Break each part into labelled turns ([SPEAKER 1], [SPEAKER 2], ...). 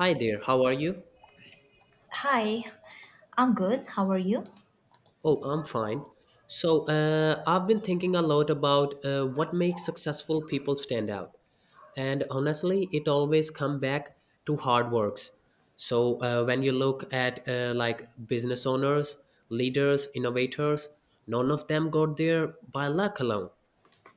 [SPEAKER 1] Hi there, how are you?
[SPEAKER 2] Hi, I'm good. How are you?
[SPEAKER 1] Oh, I'm fine. I've been thinking a lot about what makes successful people stand out. And honestly, it always come back to hard works. When you look at like business owners, leaders, innovators, none of them got there by luck alone.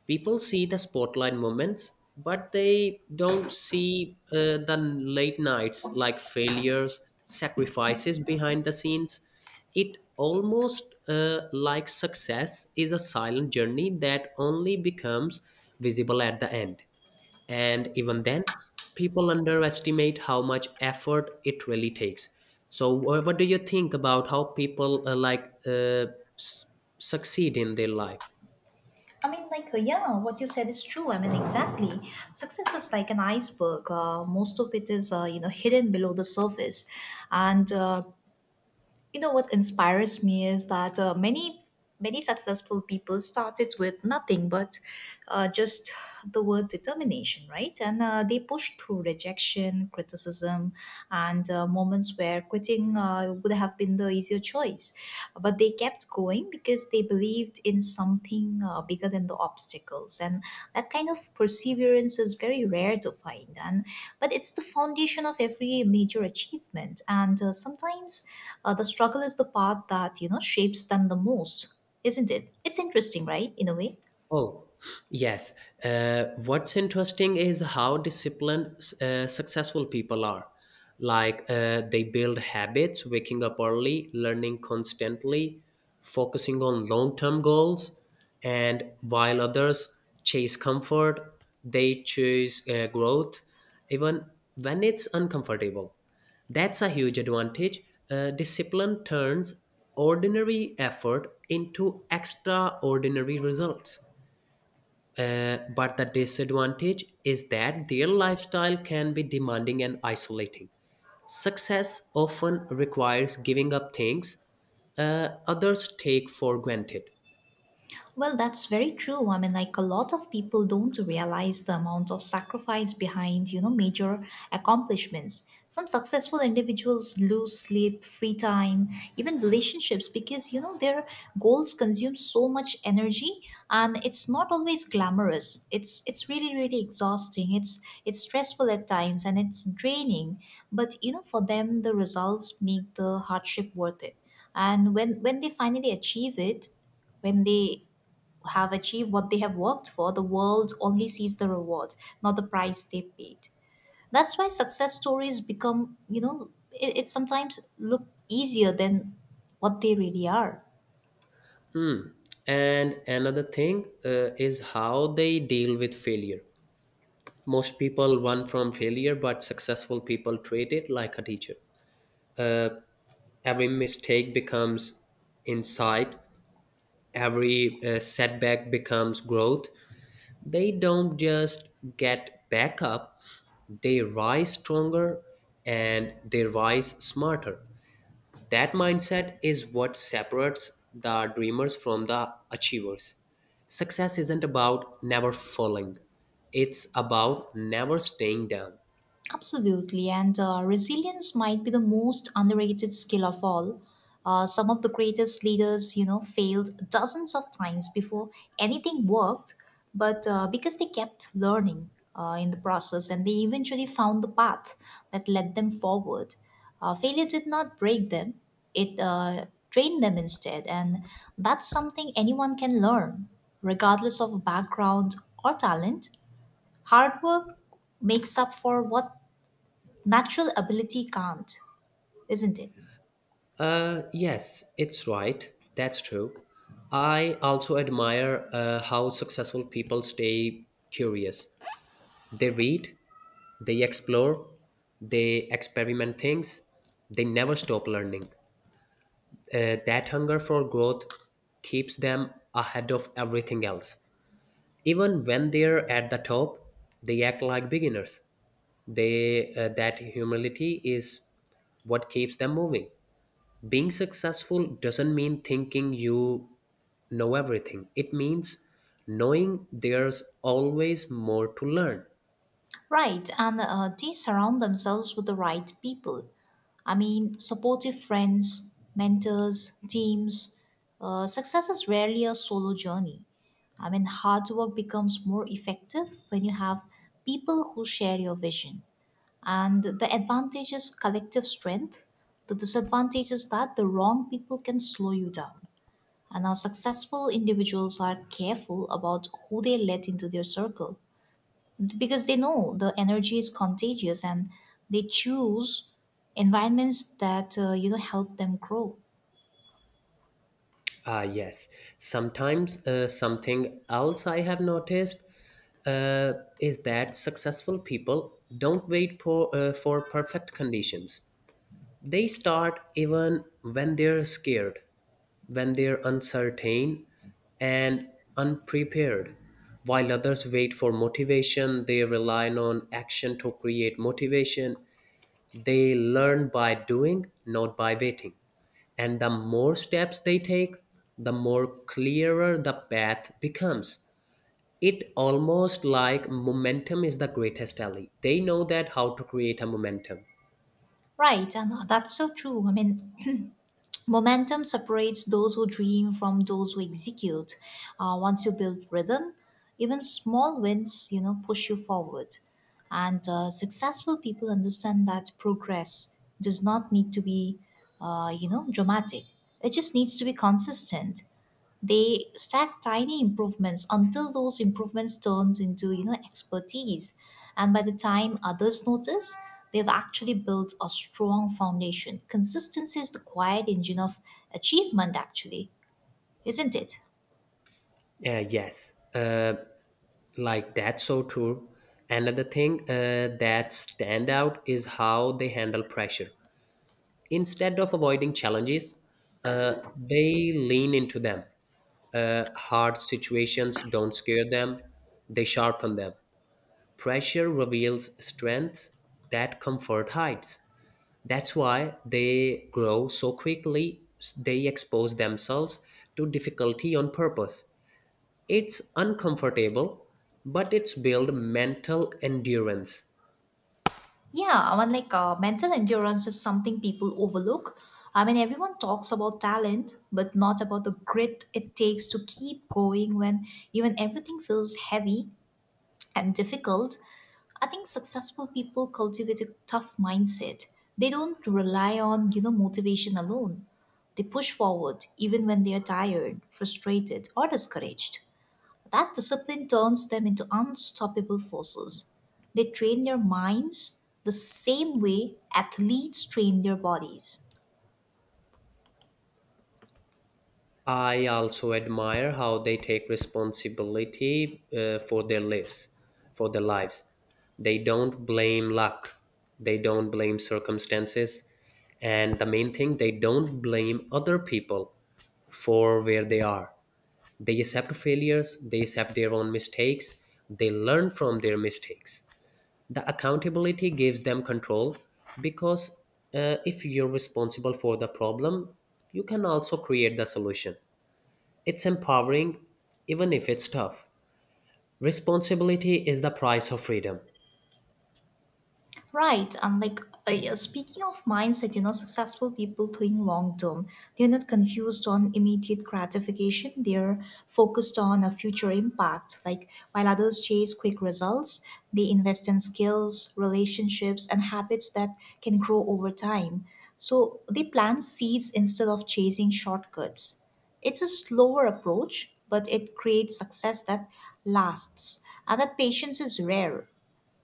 [SPEAKER 1] People see the spotlight moments, but they don't see the late nights, like failures, sacrifices behind the scenes. It almost like success is a silent journey that only becomes visible at the end, and even then people underestimate how much effort it really takes. So what do you think about how people s- succeed in their life?
[SPEAKER 2] I mean, like, yeah, what you said is true. I mean, exactly. Success is like an iceberg. Most of it is hidden below the surface. And what inspires me is that many, many successful people started with nothing but just the word determination, right? And they pushed through rejection, criticism, and moments where quitting would have been the easier choice. But they kept going thing because they believed in something bigger than the obstacles, and that kind of perseverance is very rare to find, and but it's the foundation of every major achievement. And sometimes the struggle is the part that shapes them the most, isn't it? It's interesting, right, in a way.
[SPEAKER 1] Oh, yes. What's interesting is how disciplined successful people are. They build habits, waking up early, learning constantly, focusing on long term goals. And while others chase comfort, they choose growth, even when it's uncomfortable. That's a huge advantage. Discipline turns ordinary effort into extraordinary results. But the disadvantage is that their lifestyle can be demanding and isolating. Success often requires giving up things others take for granted.
[SPEAKER 2] Well, that's very true. I mean, like a lot of people don't realize the amount of sacrifice behind major accomplishments. Some successful individuals lose sleep, free time, even relationships because their goals consume so much energy, and it's not always glamorous. It's really really exhausting. It's stressful at times, and it's draining, but for them the results make the hardship worth it. And when they finally achieve it, when they have achieved what they have worked for, the world only sees the reward, not the price they paid. That's why success stories become it sometimes look easier than what they really are.
[SPEAKER 1] Hmm. And another thing is how they deal with failure. Most people run from failure, but successful people treat it like a teacher. Uh, Every mistake becomes insight, every setback becomes growth. They don't just get back up, they rise stronger and they rise smarter. That mindset is what separates the dreamers from the achievers. Success isn't about never falling, it's about never staying down.
[SPEAKER 2] Absolutely, and resilience might be the most underrated skill of all. Some of the greatest leaders failed dozens of times before anything worked, but because they kept learning in the process, and they eventually found the path that led them forward. Failure did not break them, it trained them instead, and that's something anyone can learn, regardless of background or talent. Hard work makes up for what natural ability can't, isn't it?
[SPEAKER 1] Yes, it's right. That's true. I also admire how successful people stay curious. They read, they explore, they experiment things, they never stop learning. That hunger for growth keeps them ahead of everything else. Even when they're at the top, they act like beginners. They That humility is what keeps them moving. Being successful doesn't mean thinking you know everything. It means knowing there's always more to learn.
[SPEAKER 2] Right, and they surround themselves with the right people. I mean, supportive friends, mentors, teams. Success is rarely a solo journey. I mean, hard work becomes more effective when you have people who share your vision. And the advantage is collective strength, the disadvantage is that the wrong people can slow you down. And now successful individuals are careful about who they let into their circle, because they know the energy is contagious, and they choose environments that help them grow.
[SPEAKER 1] Ah, yes. Sometimes something else I have noticed uh, is that successful people don't wait for perfect conditions. They start even when they're scared, when they're uncertain and unprepared. While others wait for motivation, they rely on action to create motivation. They learn by doing, not by waiting. And the more steps they take, the more clearer the path becomes. It almost like momentum is the greatest ally. They know that how to create a momentum.
[SPEAKER 2] Right, and that's so true. I mean, momentum separates those who dream from those who execute. Once you build rhythm, even small wins push you forward. And successful people understand that progress does not need to be dramatic. It just needs to be consistent. They stack tiny improvements until those improvements turns into expertise, and by the time others notice, they've actually built a strong foundation. Consistency is the quiet engine of achievement actually, isn't it?
[SPEAKER 1] Uh, yes, uh, like that's so true. Another thing that stand out is how they handle pressure. Instead of avoiding challenges, they lean into them. Hard situations don't scare them, they sharpen them. Pressure reveals strengths that comfort hides. That's why they grow so quickly, they expose themselves to difficulty on purpose. It's uncomfortable, but it's built mental endurance.
[SPEAKER 2] Yeah, I mean, like, mental endurance is something people overlook. I mean, everyone talks about talent, but not about the grit it takes to keep going when even everything feels heavy and difficult. I think successful people cultivate a tough mindset. They don't rely on motivation alone. They push forward even when they are tired, frustrated, or discouraged. That discipline turns them into unstoppable forces. They train their minds the same way athletes train their bodies.
[SPEAKER 1] I also admire how they take responsibility for their lives, for their lives. They don't blame luck. They don't blame circumstances. And the main thing, they don't blame other people for where they are. They accept failures, they accept their own mistakes, they learn from their mistakes. The accountability gives them control, because if you're responsible for the problem, you can also create the solution. It's empowering, even if it's tough. Responsibility is the price of freedom.
[SPEAKER 2] Right, and like yeah, speaking of mindset successful people think long term. They're not confused on immediate gratification. They're focused on a future impact. Like while others chase quick results, they invest in skills, relationships, and habits that can grow over time. So they plant seeds instead of chasing shortcuts. It's a slower approach, but it creates success that lasts. And that patience is rare,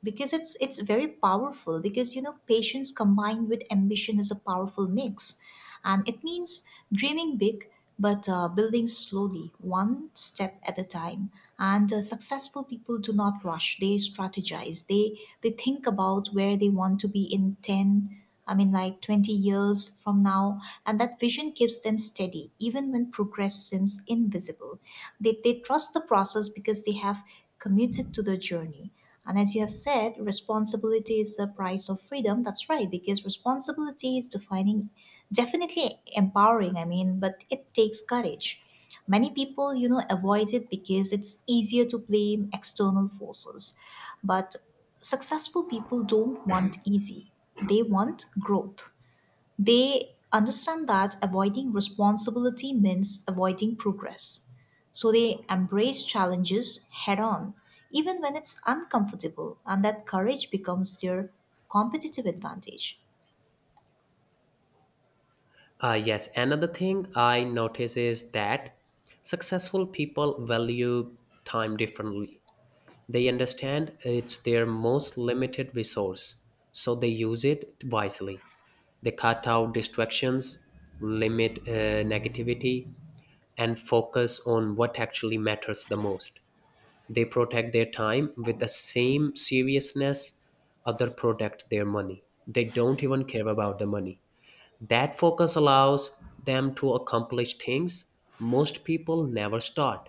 [SPEAKER 2] because it's very powerful. Because, you know, patience combined with ambition is a powerful mix, and it means dreaming big, but building slowly, one step at a time. And successful people do not rush. They strategize. They think about where they want to be in 10, I mean like 20 years from now. And that vision keeps them steady even when progress seems invisible. They trust the process because they have committed to the journey. And as you have said, responsibility is the price of freedom. That's right, because responsibility is defining, definitely empowering, I mean, but it takes courage. Many people avoid it because it's easier to blame external forces. But successful people don't want easy, they want growth. They understand that avoiding responsibility means avoiding progress. So they embrace challenges head on, even when it's uncomfortable, and that courage becomes their competitive advantage.
[SPEAKER 1] Yes, another thing I notice is that successful people value time differently. They understand it's their most limited resource, so they use it wisely. They cut out distractions, limit negativity, and focus on what actually matters the most. They protect their time with the same seriousness other protect their money. They don't even care about the money. That focus allows them to accomplish things most people never start.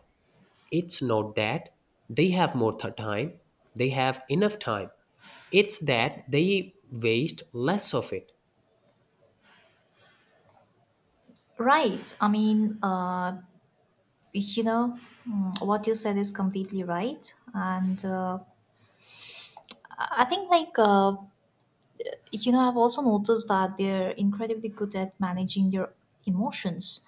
[SPEAKER 1] It's not that they have more time, they have enough time. It's that they waste less of it.
[SPEAKER 2] Right. I mean, you know, what you said is completely right. And I think, like, you know, I've also noticed that they're incredibly good at managing their emotions.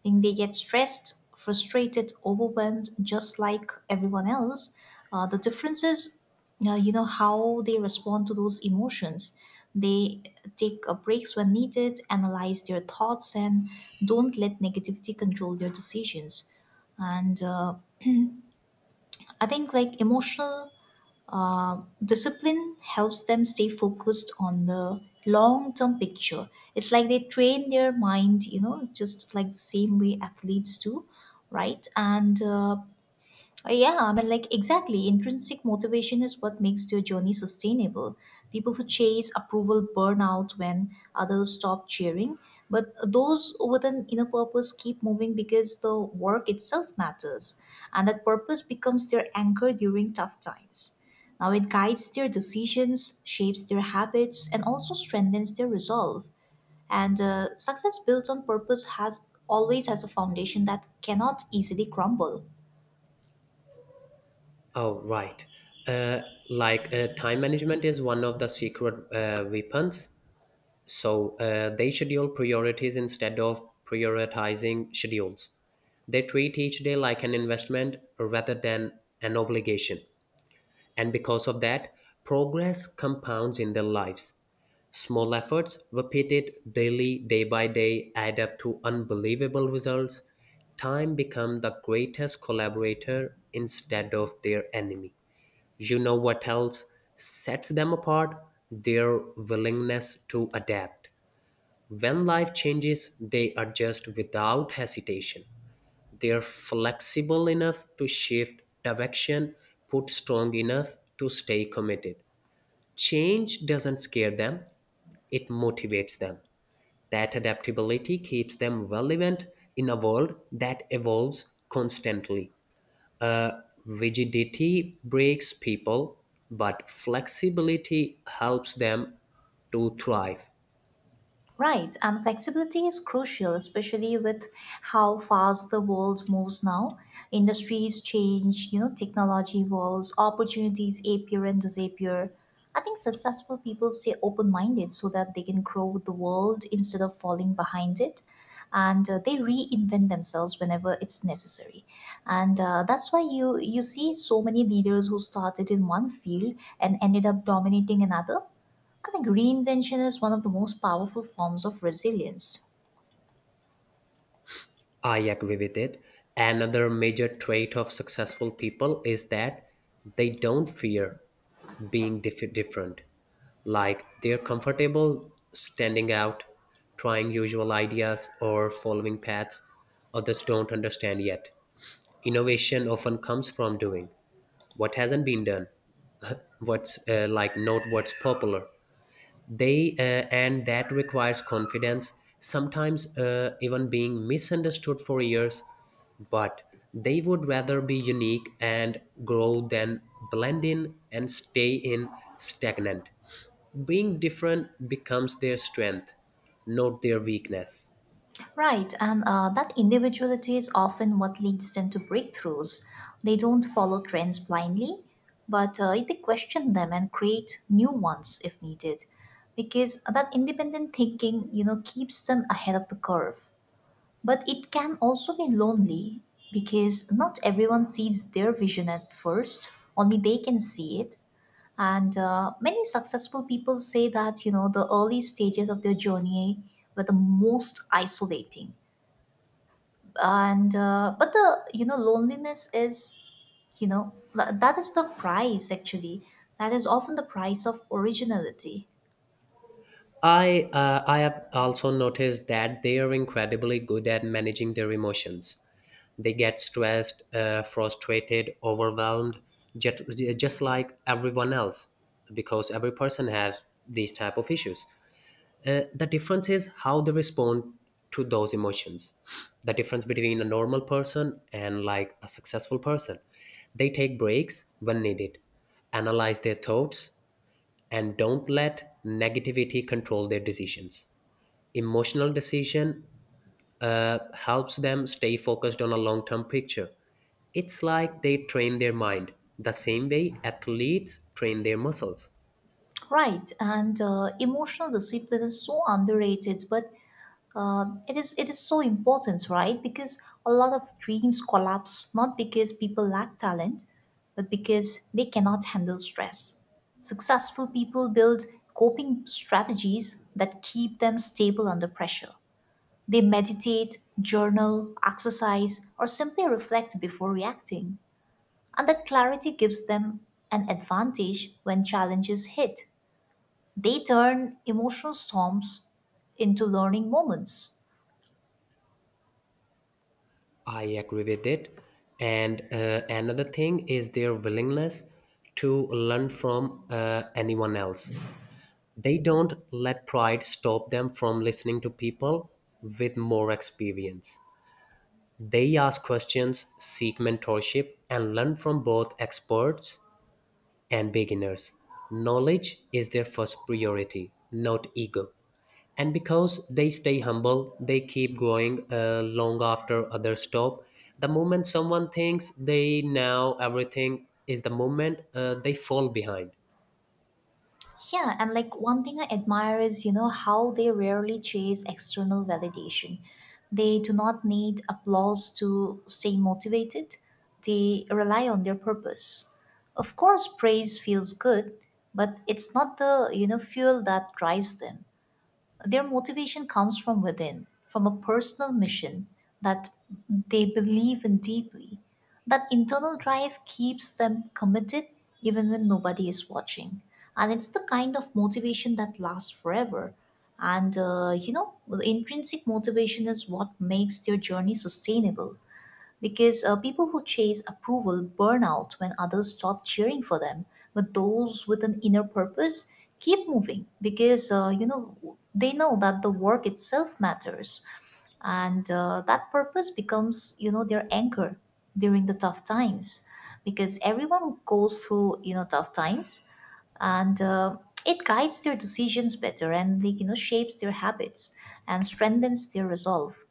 [SPEAKER 2] I think they get stressed, frustrated, overwhelmed, just like everyone else. The difference is how they respond to those emotions. They take breaks when needed, analyze their thoughts, and don't let negativity control their decisions. And I think like emotional discipline helps them stay focused on the long term picture. It's like they train their mind just like the same way athletes do, right? And yeah, I mean, like, exactly. Intrinsic motivation is what makes your journey sustainable. People who chase approval burn out when others stop cheering, but those with an inner purpose keep moving because the work itself matters, and that purpose becomes their anchor during tough times. Now, it guides their decisions, shapes their habits, and also strengthens their resolve. And success built on purpose has always has a foundation that cannot easily crumble.
[SPEAKER 1] Oh, right. Uh, Time management is one of the secret weapons. So they schedule priorities instead of prioritizing schedules. They treat each day like an investment rather than an obligation. And because of that, progress compounds in their lives. Small efforts, repeated daily, day by day, add up to unbelievable results. Time becomes the greatest collaborator instead of their enemy. You know what else sets them apart? Their willingness to adapt. When life changes, they adjust without hesitation. They're flexible enough to shift direction, put strong enough to stay committed. Change doesn't scare them, it motivates them. That adaptability keeps them relevant in a world that evolves constantly. Rigidity breaks people, but flexibility helps them to thrive.
[SPEAKER 2] Right, and flexibility is crucial, especially with how fast the world moves now. Industries change, you know, technology evolves, opportunities appear and disappear. I think successful people stay open minded so that they can grow with the world instead of falling behind it. And they reinvent themselves whenever it's necessary. And that's why you see so many leaders who started in one field and ended up dominating another. I think reinvention is one of the most powerful forms of resilience.
[SPEAKER 1] I agree with it. Another major trait of successful people is that they don't fear being different. Like they're comfortable standing out, trying usual ideas, or following paths others don't understand yet. Innovation often comes from doing what hasn't been done, what's not what's popular. They And that requires confidence, sometimes even being misunderstood for years. But they would rather be unique and grow than blend in and stay in stagnant. Being different becomes their strength, not their weakness.
[SPEAKER 2] Right, and that individuality is often what leads them to breakthroughs. They don't follow trends blindly, but they question them and create new ones if needed, because that independent thinking keeps them ahead of the curve. But it can also be lonely, because not everyone sees their vision at first. Only they can see it. And many successful people say that the early stages of their journey were the most isolating. And, but the loneliness is that is the price actually. That is often the price of originality.
[SPEAKER 1] I have also noticed that they are incredibly good at managing their emotions. They get stressed, frustrated, overwhelmed, just, just like everyone else, because every person has these type of issues. The difference is how they respond to those emotions. The difference between a normal person and like a successful person. They take breaks when needed, analyze their thoughts, and don't let negativity control their decisions. Emotional decision helps them stay focused on a long term picture. It's like they train their mind the same way athletes train their muscles.
[SPEAKER 2] Right. And emotional discipline is so underrated, but it is so important, right? Because a lot of dreams collapse not because people lack talent, but because they cannot handle stress. Successful people build coping strategies that keep them stable under pressure. They meditate, journal, exercise, or simply reflect before reacting. And that clarity gives them an advantage when challenges hit. They turn emotional storms into learning moments.
[SPEAKER 1] I agree with it. And another thing is their willingness to learn from anyone else. They don't let pride stop them from listening to people with more experience. They ask questions, seek mentorship, and learn from both experts and beginners. Knowledge is their first priority, not ego. And because they stay humble, they keep growing long after others stop. The moment someone thinks they know everything is the moment they fall behind.
[SPEAKER 2] Yeah, and like one thing I admire is how they rarely chase external validation. They do not need applause to stay motivated, they rely on their purpose. Of course, praise feels good, but it's not the fuel that drives them. Their motivation comes from within, from a personal mission that they believe in deeply. That internal drive keeps them committed even when nobody is watching. And it's the kind of motivation that lasts forever. And, the intrinsic motivation is what makes their journey sustainable, because people who chase approval burn out when others stop cheering for them, but those with an inner purpose keep moving because they know that the work itself matters. And that purpose becomes their anchor during the tough times, because everyone goes through tough times. And it guides their decisions better, and like, shapes their habits and strengthens their resolve.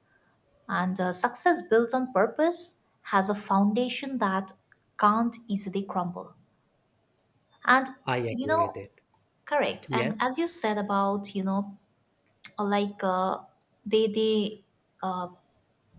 [SPEAKER 2] And success built on purpose has a foundation that can't easily crumble. And,
[SPEAKER 1] I
[SPEAKER 2] you
[SPEAKER 1] agree
[SPEAKER 2] know,
[SPEAKER 1] with it.
[SPEAKER 2] correct. And
[SPEAKER 1] Yes.
[SPEAKER 2] as you said about, you know, like uh, they, they,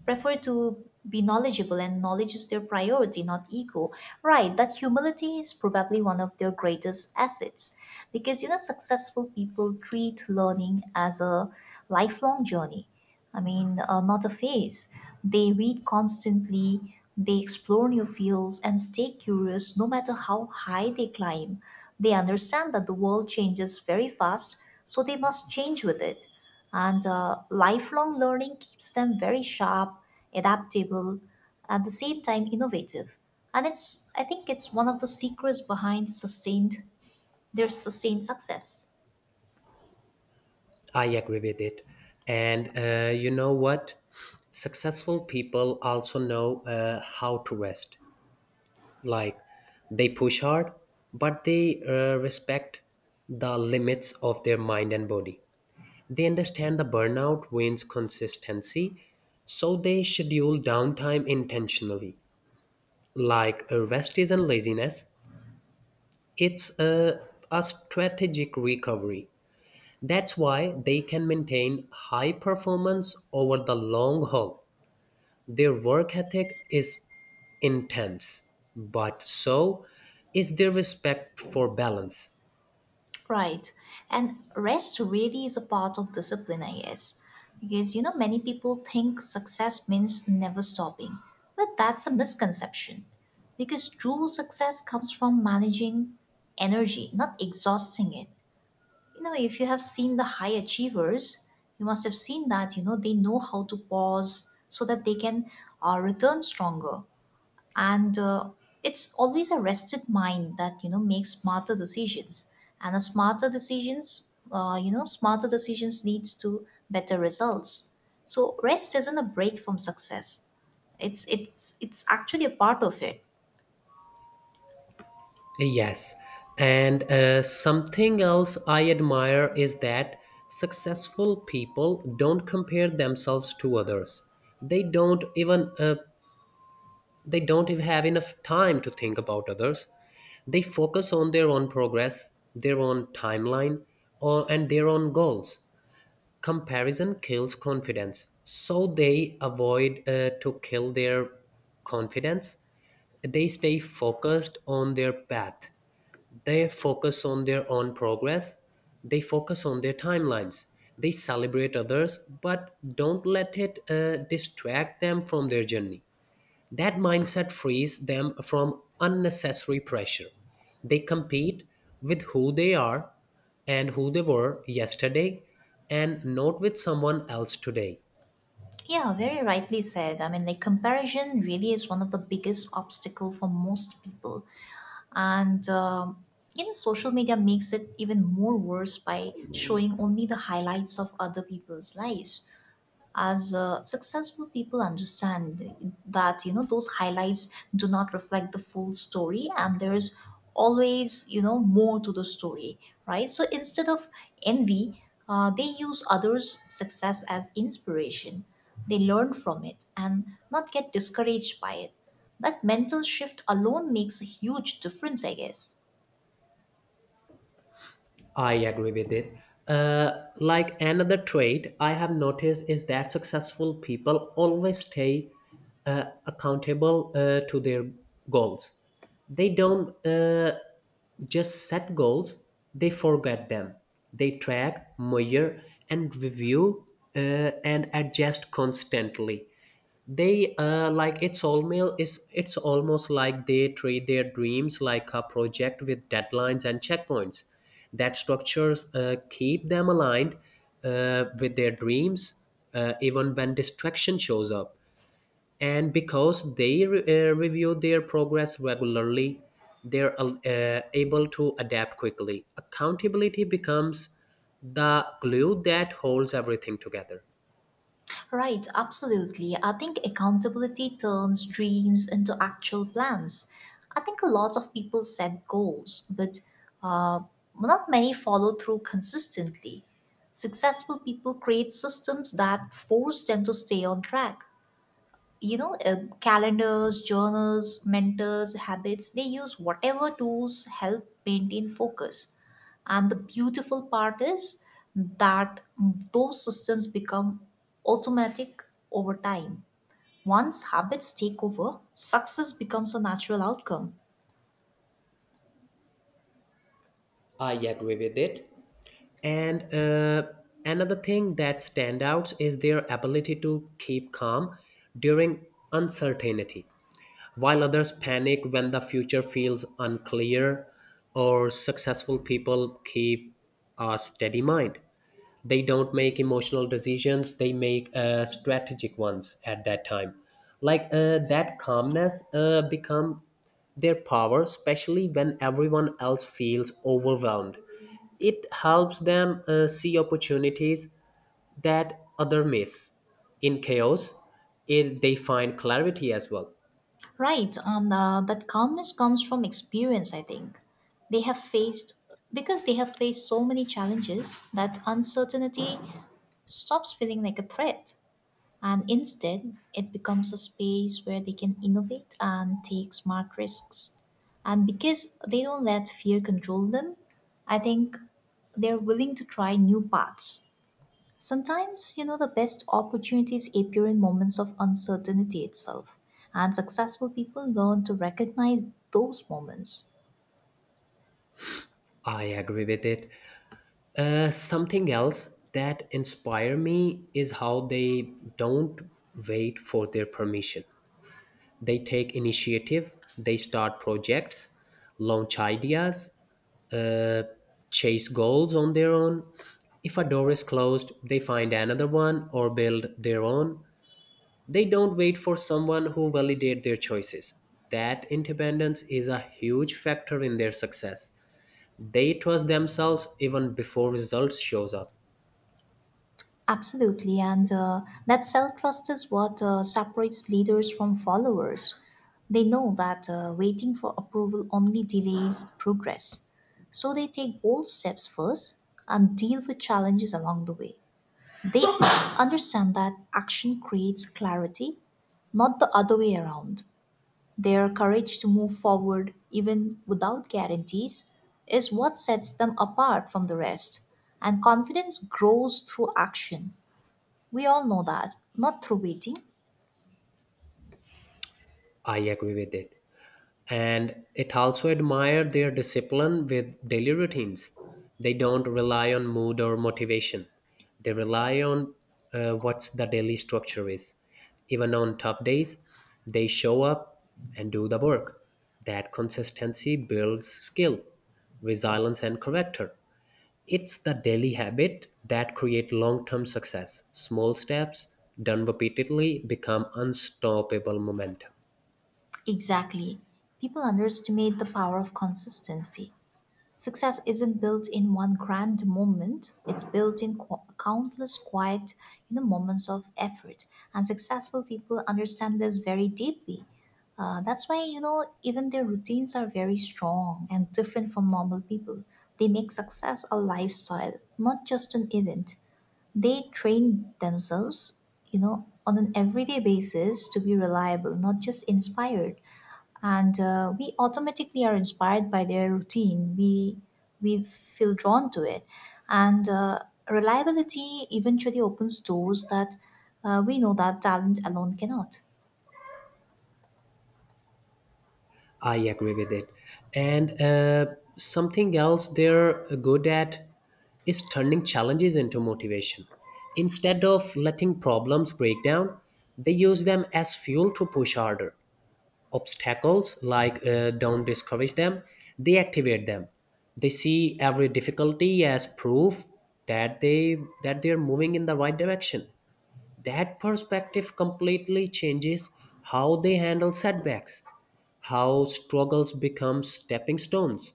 [SPEAKER 2] prefer to be knowledgeable, and knowledge is their priority, not ego, right? That humility is probably one of their greatest assets, because you know, successful people treat learning as a lifelong journey. Not a phase. They read constantly, they explore new fields and stay curious no matter how high they climb. They understand that the world changes very fast, so they must change with it. And Lifelong learning keeps them very sharp, adaptable, at the same time innovative. And it's I think it's one of the secrets behind sustained their sustained success.
[SPEAKER 1] I agree with it. And you know what? Successful people also know how to rest. Like they push hard, but they respect the limits of their mind and body. They understand the burnout wins consistency, so they schedule downtime intentionally. Rest isn't laziness, it's a strategic recovery. That's why they can maintain high performance over the long haul. Their work ethic is intense, but so is their respect for balance.
[SPEAKER 2] Right, and rest really is a part of discipline, I guess, because you know, many people think success means never stopping, but that's a misconception, because true success comes from managing energy, not exhausting it. You know, if you have seen the high achievers, you must have seen that you know, they know how to pause so that they can return stronger. And It's always a rested mind that you know, makes smarter decisions, and a smarter decisions you know smarter decisions leads to better results. So rest isn't a break from success, it's actually a part of it.
[SPEAKER 1] Yes, and something else I admire is that successful people don't compare themselves to others. They don't even uh, They don't even have enough time to think about others. They focus on their own progress, their own timeline, or, and their own goals. Comparison kills confidence. So they avoid to kill their confidence. They stay focused on their path. They focus on their own progress. They focus on their timelines. They celebrate others, but don't let it distract them from their journey. That mindset frees them from unnecessary pressure. They compete with who they are and who they were yesterday, and not with someone else today.
[SPEAKER 2] Yeah, very rightly said. I mean, like, comparison really is one of the biggest obstacle for most people, and you know, social media makes it even more worse by showing only the highlights of other people's lives. As Successful people understand that you know, those highlights do not reflect the full story, and there is always you know, more to the story. Right, so instead of envy, they use others success as inspiration. They learn from it and not get discouraged by it. That mental shift alone makes a huge difference, I guess.
[SPEAKER 1] I agree with it. Another trait I have noticed is that successful people always stay accountable to their goals. They don't Just set goals, they forget them. They track, measure, and review uh, and adjust constantly. They like It's almost, it's almost like they treat their dreams like a project with deadlines and checkpoints. That structures keep them aligned with their dreams, even when distraction shows up. And because they review their progress regularly, they're able to adapt quickly. Accountability becomes the glue that holds everything together.
[SPEAKER 2] Right, absolutely. I think accountability turns dreams into actual plans. I think a lot of people set goals, but uh, not many follow through consistently. Successful people create systems that force them to stay on track. You know calendars, journals, mentors, habits, they use whatever tools help maintain focus. And the beautiful part is that those systems become automatic over time. Once habits take over, success becomes a natural outcome.
[SPEAKER 1] I agree with it. And another thing that stands out is their ability to keep calm during uncertainty. While others panic when the future feels unclear, or successful people keep a steady mind. They don't make emotional decisions, they make strategic ones at that time. That calmness become their power, especially when everyone else feels overwhelmed. It helps them see opportunities that other miss. In chaos, it, they find clarity as well.
[SPEAKER 2] Right, and that calmness comes from experience, I think. They have faced Because they have faced so many challenges that uncertainty stops feeling like a threat. And instead, it becomes a space where they can innovate and take smart risks. And because they don't let fear control them, I think they're willing to try new paths. Sometimes, you know, the best opportunities appear in moments of uncertainty itself, and successful people learn to recognize those moments.
[SPEAKER 1] I agree with it. Something else that inspire me is how they don't wait for their permission. They take initiative, they start projects, launch ideas, uh, chase goals on their own. If a door is closed, they find another one or build their own. They don't wait for someone who validate their choices. That independence is a huge factor in their success. They trust themselves even before results shows up.
[SPEAKER 2] Absolutely, and that self trust is what separates leaders from followers. They know that waiting for approval only delays progress. So they take bold steps first and deal with challenges along the way. They understand that action creates clarity, not the other way around. Their courage to move forward, even without guarantees, is what sets them apart from the rest. And confidence grows through action, we all know that, not through waiting.
[SPEAKER 1] I agree with it. And it also admired their discipline with daily routines. They don't rely on mood or motivation. They rely on what's the daily structure is. Even on tough days, they show up and do the work. That consistency builds skill, resilience, and character. It's the daily habit that create long-term success. Small steps done repeatedly become unstoppable momentum.
[SPEAKER 2] Exactly. People underestimate the power of consistency. Success isn't built in one grand moment, it's built in countless quiet, you know, moments of effort. And successful people understand this very deeply. That's why, you know, even their routines are very strong and different from normal people. They make success a lifestyle, not just an event. They train themselves, you know, on an everyday basis to be reliable, not just inspired. And We automatically are inspired by their routine. We feel drawn to it, and reliability eventually opens doors that we know that talent alone cannot.
[SPEAKER 1] I agree with it. And something else they're good at is turning challenges into motivation. Instead of letting problems break down, they use them as fuel to push harder. Obstacles don't discourage them, they activate them. They see every difficulty as proof that they're moving in the right direction. That perspective completely changes how they handle setbacks, how struggles become stepping stones.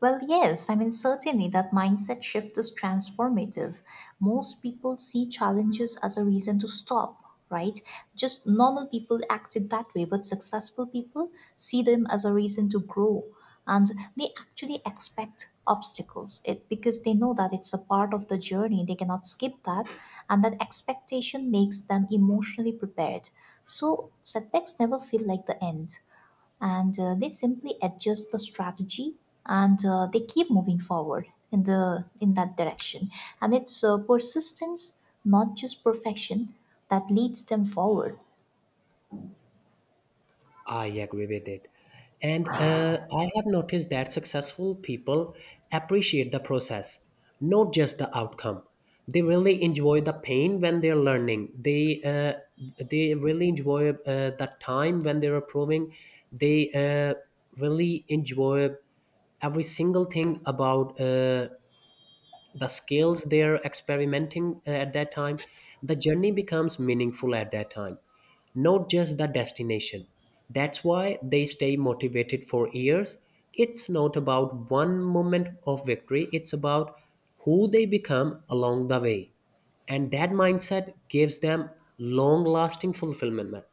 [SPEAKER 2] Well, yes, I mean, certainly that mindset shift is transformative. Most people see challenges as a reason to stop, right? Just normal people acted that way, but successful people see them as a reason to grow. And they actually expect obstacles it, because they know that it's a part of the journey. They cannot skip that. And that expectation makes them emotionally prepared. So setbacks never feel like the end, and they simply adjust the strategy, and they keep moving forward in the in that direction. And it's persistence, not just perfection, that leads them forward.
[SPEAKER 1] I agree with it and I have noticed that successful people appreciate the process not just the outcome they really enjoy the pain when they're learning they really enjoy the time when they're improving they really enjoy every single thing about the skills they're experimenting at that time the journey becomes meaningful at that time not just the destination that's why they stay motivated for years it's not about one moment of victory it's about who they become along the way and that mindset gives them long lasting fulfillment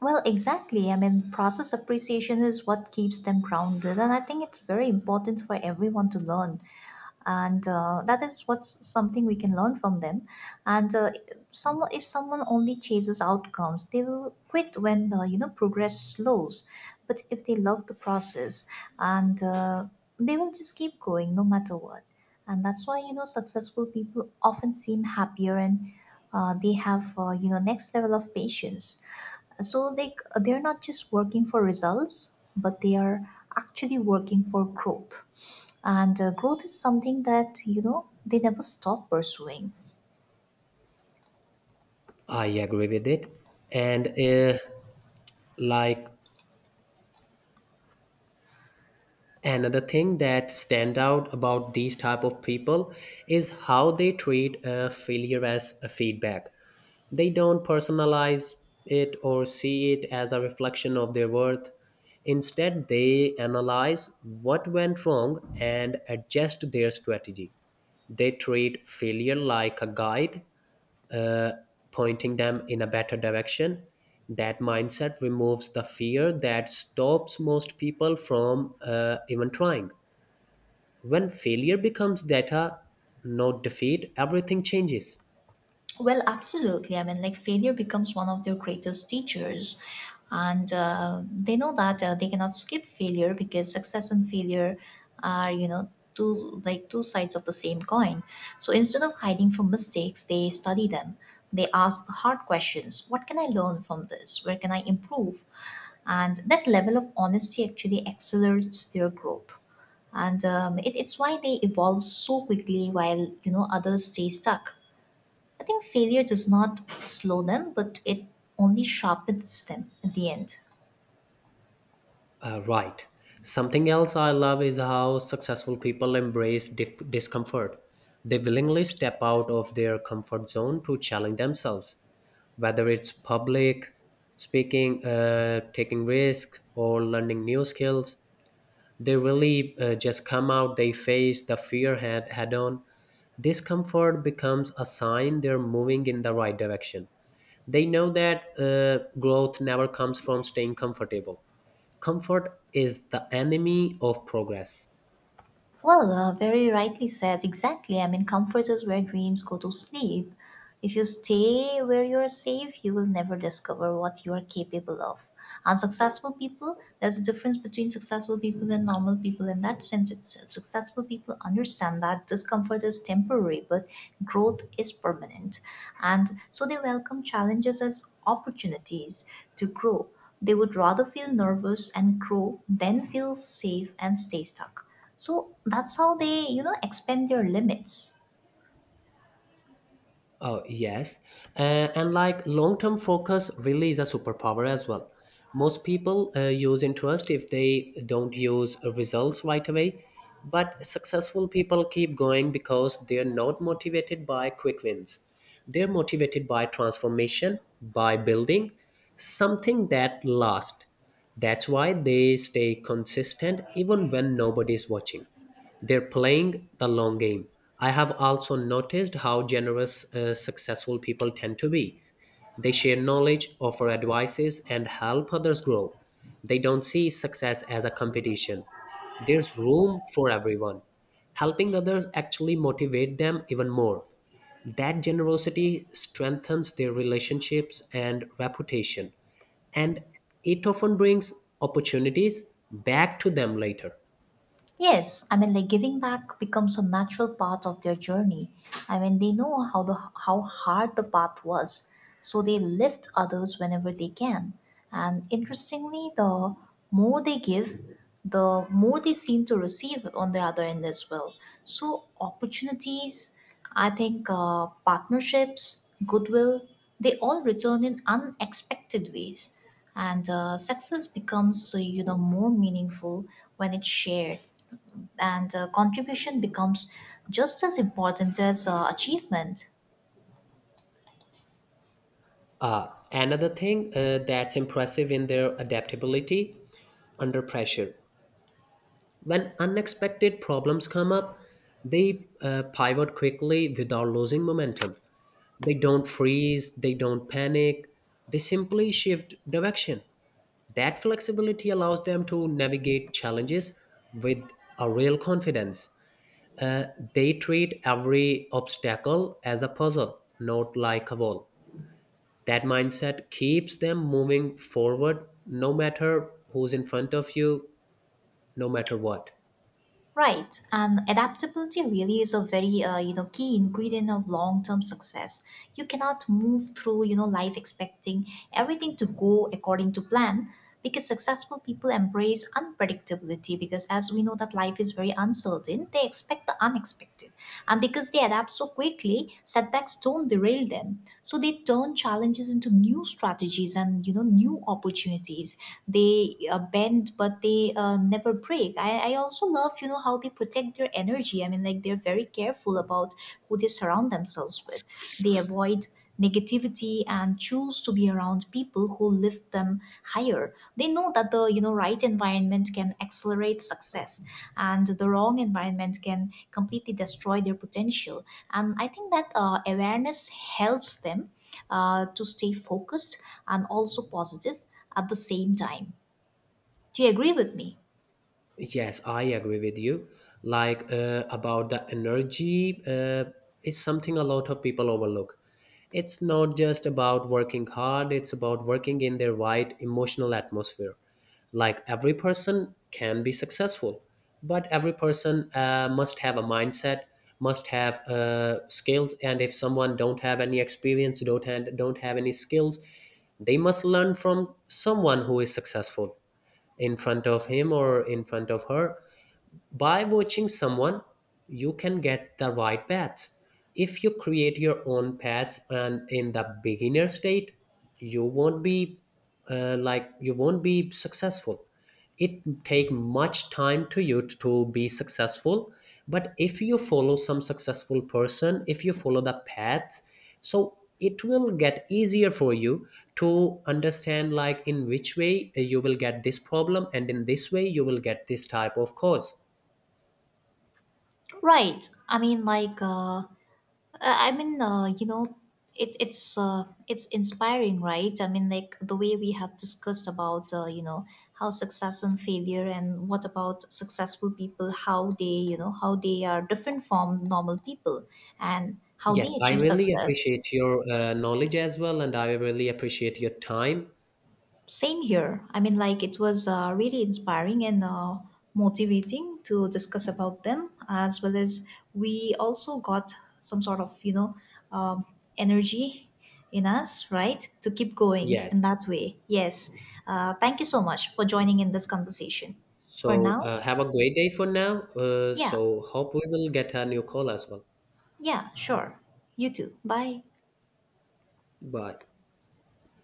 [SPEAKER 2] Well, exactly. I mean, process appreciation is what keeps them grounded, and I think it's very important for everyone to learn. And that is what's something we can learn from them. And Someone, if someone only chases outcomes, they will quit when the you know, progress slows. But if they love the process, and they will just keep going no matter what. And that's why you know, successful people often seem happier, and they have you know, next level of patience. So like, they're not just working for results, but they are actually working for growth. And growth is something that you know, they never stop pursuing.
[SPEAKER 1] I agree with it. And uh, like another thing that stand out about these type of people is how they treat a failure as a feedback. They don't personalize it or see it as a reflection of their worth. Instead they analyze what went wrong and adjust their strategy. They treat failure like a guide, uh, pointing them in a better direction. That mindset removes the fear that stops most people from even trying. When failure becomes data, not defeat, everything changes.
[SPEAKER 2] Well, absolutely. I mean, like, failure becomes one of their greatest teachers. And they know that they cannot skip failure, because success and failure are, you know, two like two sides of the same coin. So instead of hiding from mistakes, they study them. They ask the hard questions. What can I learn from this? Where can I improve? And that level of honesty actually accelerates their growth. And it's why they evolve so quickly, while, you know, others stay stuck. I think failure does not slow them, but it only sharpens them at the end.
[SPEAKER 1] Right. Something else I love is how successful people embrace discomfort. They willingly step out of their comfort zone to challenge themselves, whether it's public speaking, taking risk, or learning new skills. They really just come out, they face the fear head on. Discomfort becomes a sign they're moving in the right direction. They know that growth never comes from staying comfortable. Comfort is the enemy of progress.
[SPEAKER 2] Well, very rightly said. Exactly. I mean, comfort is where dreams go to sleep. If you stay where you are safe, you will never discover what you are capable of. Unsuccessful people, there's a difference between successful people and normal people in that sense itself. Successful people understand that discomfort is temporary, but growth is permanent. And so they welcome challenges as opportunities to grow. They would rather feel nervous and grow than feel safe and stay stuck. So that's how they, you know, expand their limits.
[SPEAKER 1] Oh, yes. And long term focus really is a superpower as well. Most people use interest if they don't use results right away. But successful people keep going because they're not motivated by quick wins. They're motivated by transformation, by building something that lasts. That's why they stay consistent even when nobody's watching. They're playing the long game. I have also noticed how generous successful people tend to be. They share knowledge, offer advices, and help others grow. They don't see success as a competition. There's room for everyone. Helping others actually motivate them even more. That generosity strengthens their relationships and reputation, and it often brings opportunities back to them later.
[SPEAKER 2] Yes, I mean, like, giving back becomes a natural part of their journey. I mean, they know how hard the path was, so they lift others whenever they can. And interestingly, the more they give, the more they seem to receive on the other end as well. So opportunities, I think, partnerships, goodwill, they all return in unexpected ways, and success becomes you know, more meaningful when it's shared, and contribution becomes just as important as achievement.
[SPEAKER 1] Another thing that's impressive in their adaptability under pressure. When unexpected problems come up, they pivot quickly without losing momentum. They don't freeze, they don't panic, they simply shift direction. That flexibility allows them to navigate challenges with a real confidence. Uh, they treat every obstacle as a puzzle, not like a wall. That mindset keeps them moving forward no matter who's in front of you, no matter what.
[SPEAKER 2] Right, and adaptability really is a very you know, key ingredient of long-term success. You cannot move through you know, life expecting everything to go according to plan, because successful people embrace unpredictability. Because as we know that life is very uncertain, they expect the unexpected. And because they adapt so quickly, setbacks don't derail them. So they turn challenges into new strategies and you know, new opportunities. They bend, but they never break. I also love, you know, how they protect their energy. I mean, like, they're very careful about who they surround themselves with. They avoid negativity and choose to be around people who lift them higher. They know that the, you know, right environment can accelerate success, and the wrong environment can completely destroy their potential. And I think that awareness helps them to stay focused and also positive at the same time. Do you agree with me?
[SPEAKER 1] Yes, I agree with you. About the energy is something a lot of people overlook. It's not just about working hard, it's about working in the right emotional atmosphere. Like every person can be successful, but every person must have a mindset, must have skills, and if someone don't have any experience, don't have any skills, they must learn from someone who is successful in front of him or in front of her. By watching someone, you can get the right paths. If you create your own paths and in the beginner state, you won't be you won't be successful. It take much time to you to be successful, but if you follow some successful person, if you follow the paths, so it will get easier for you to understand like in which way you will get this problem and in this way you will get this type of cause.
[SPEAKER 2] Right. I mean, like, I mean, you know, it's inspiring, right? I mean, like, the way we have discussed about, you know, how success and failure, and what about successful people, how they, you know, how they are different from normal people, and how they
[SPEAKER 1] Yes, I
[SPEAKER 2] achieve
[SPEAKER 1] really
[SPEAKER 2] success.
[SPEAKER 1] appreciate your knowledge as well, and I really appreciate your time.
[SPEAKER 2] Same here. I mean, like, it was really inspiring and motivating to discuss about them, as well as we also got some sort of, you know, um, energy in us, right, to keep going in
[SPEAKER 1] Yes.
[SPEAKER 2] that way. Yes. Thank you so much for joining in this conversation. For
[SPEAKER 1] So
[SPEAKER 2] now,
[SPEAKER 1] have a great day for now.
[SPEAKER 2] yeah,
[SPEAKER 1] So hope we will get a new call as well.
[SPEAKER 2] yeah, sure. You too. Bye.
[SPEAKER 1] Bye.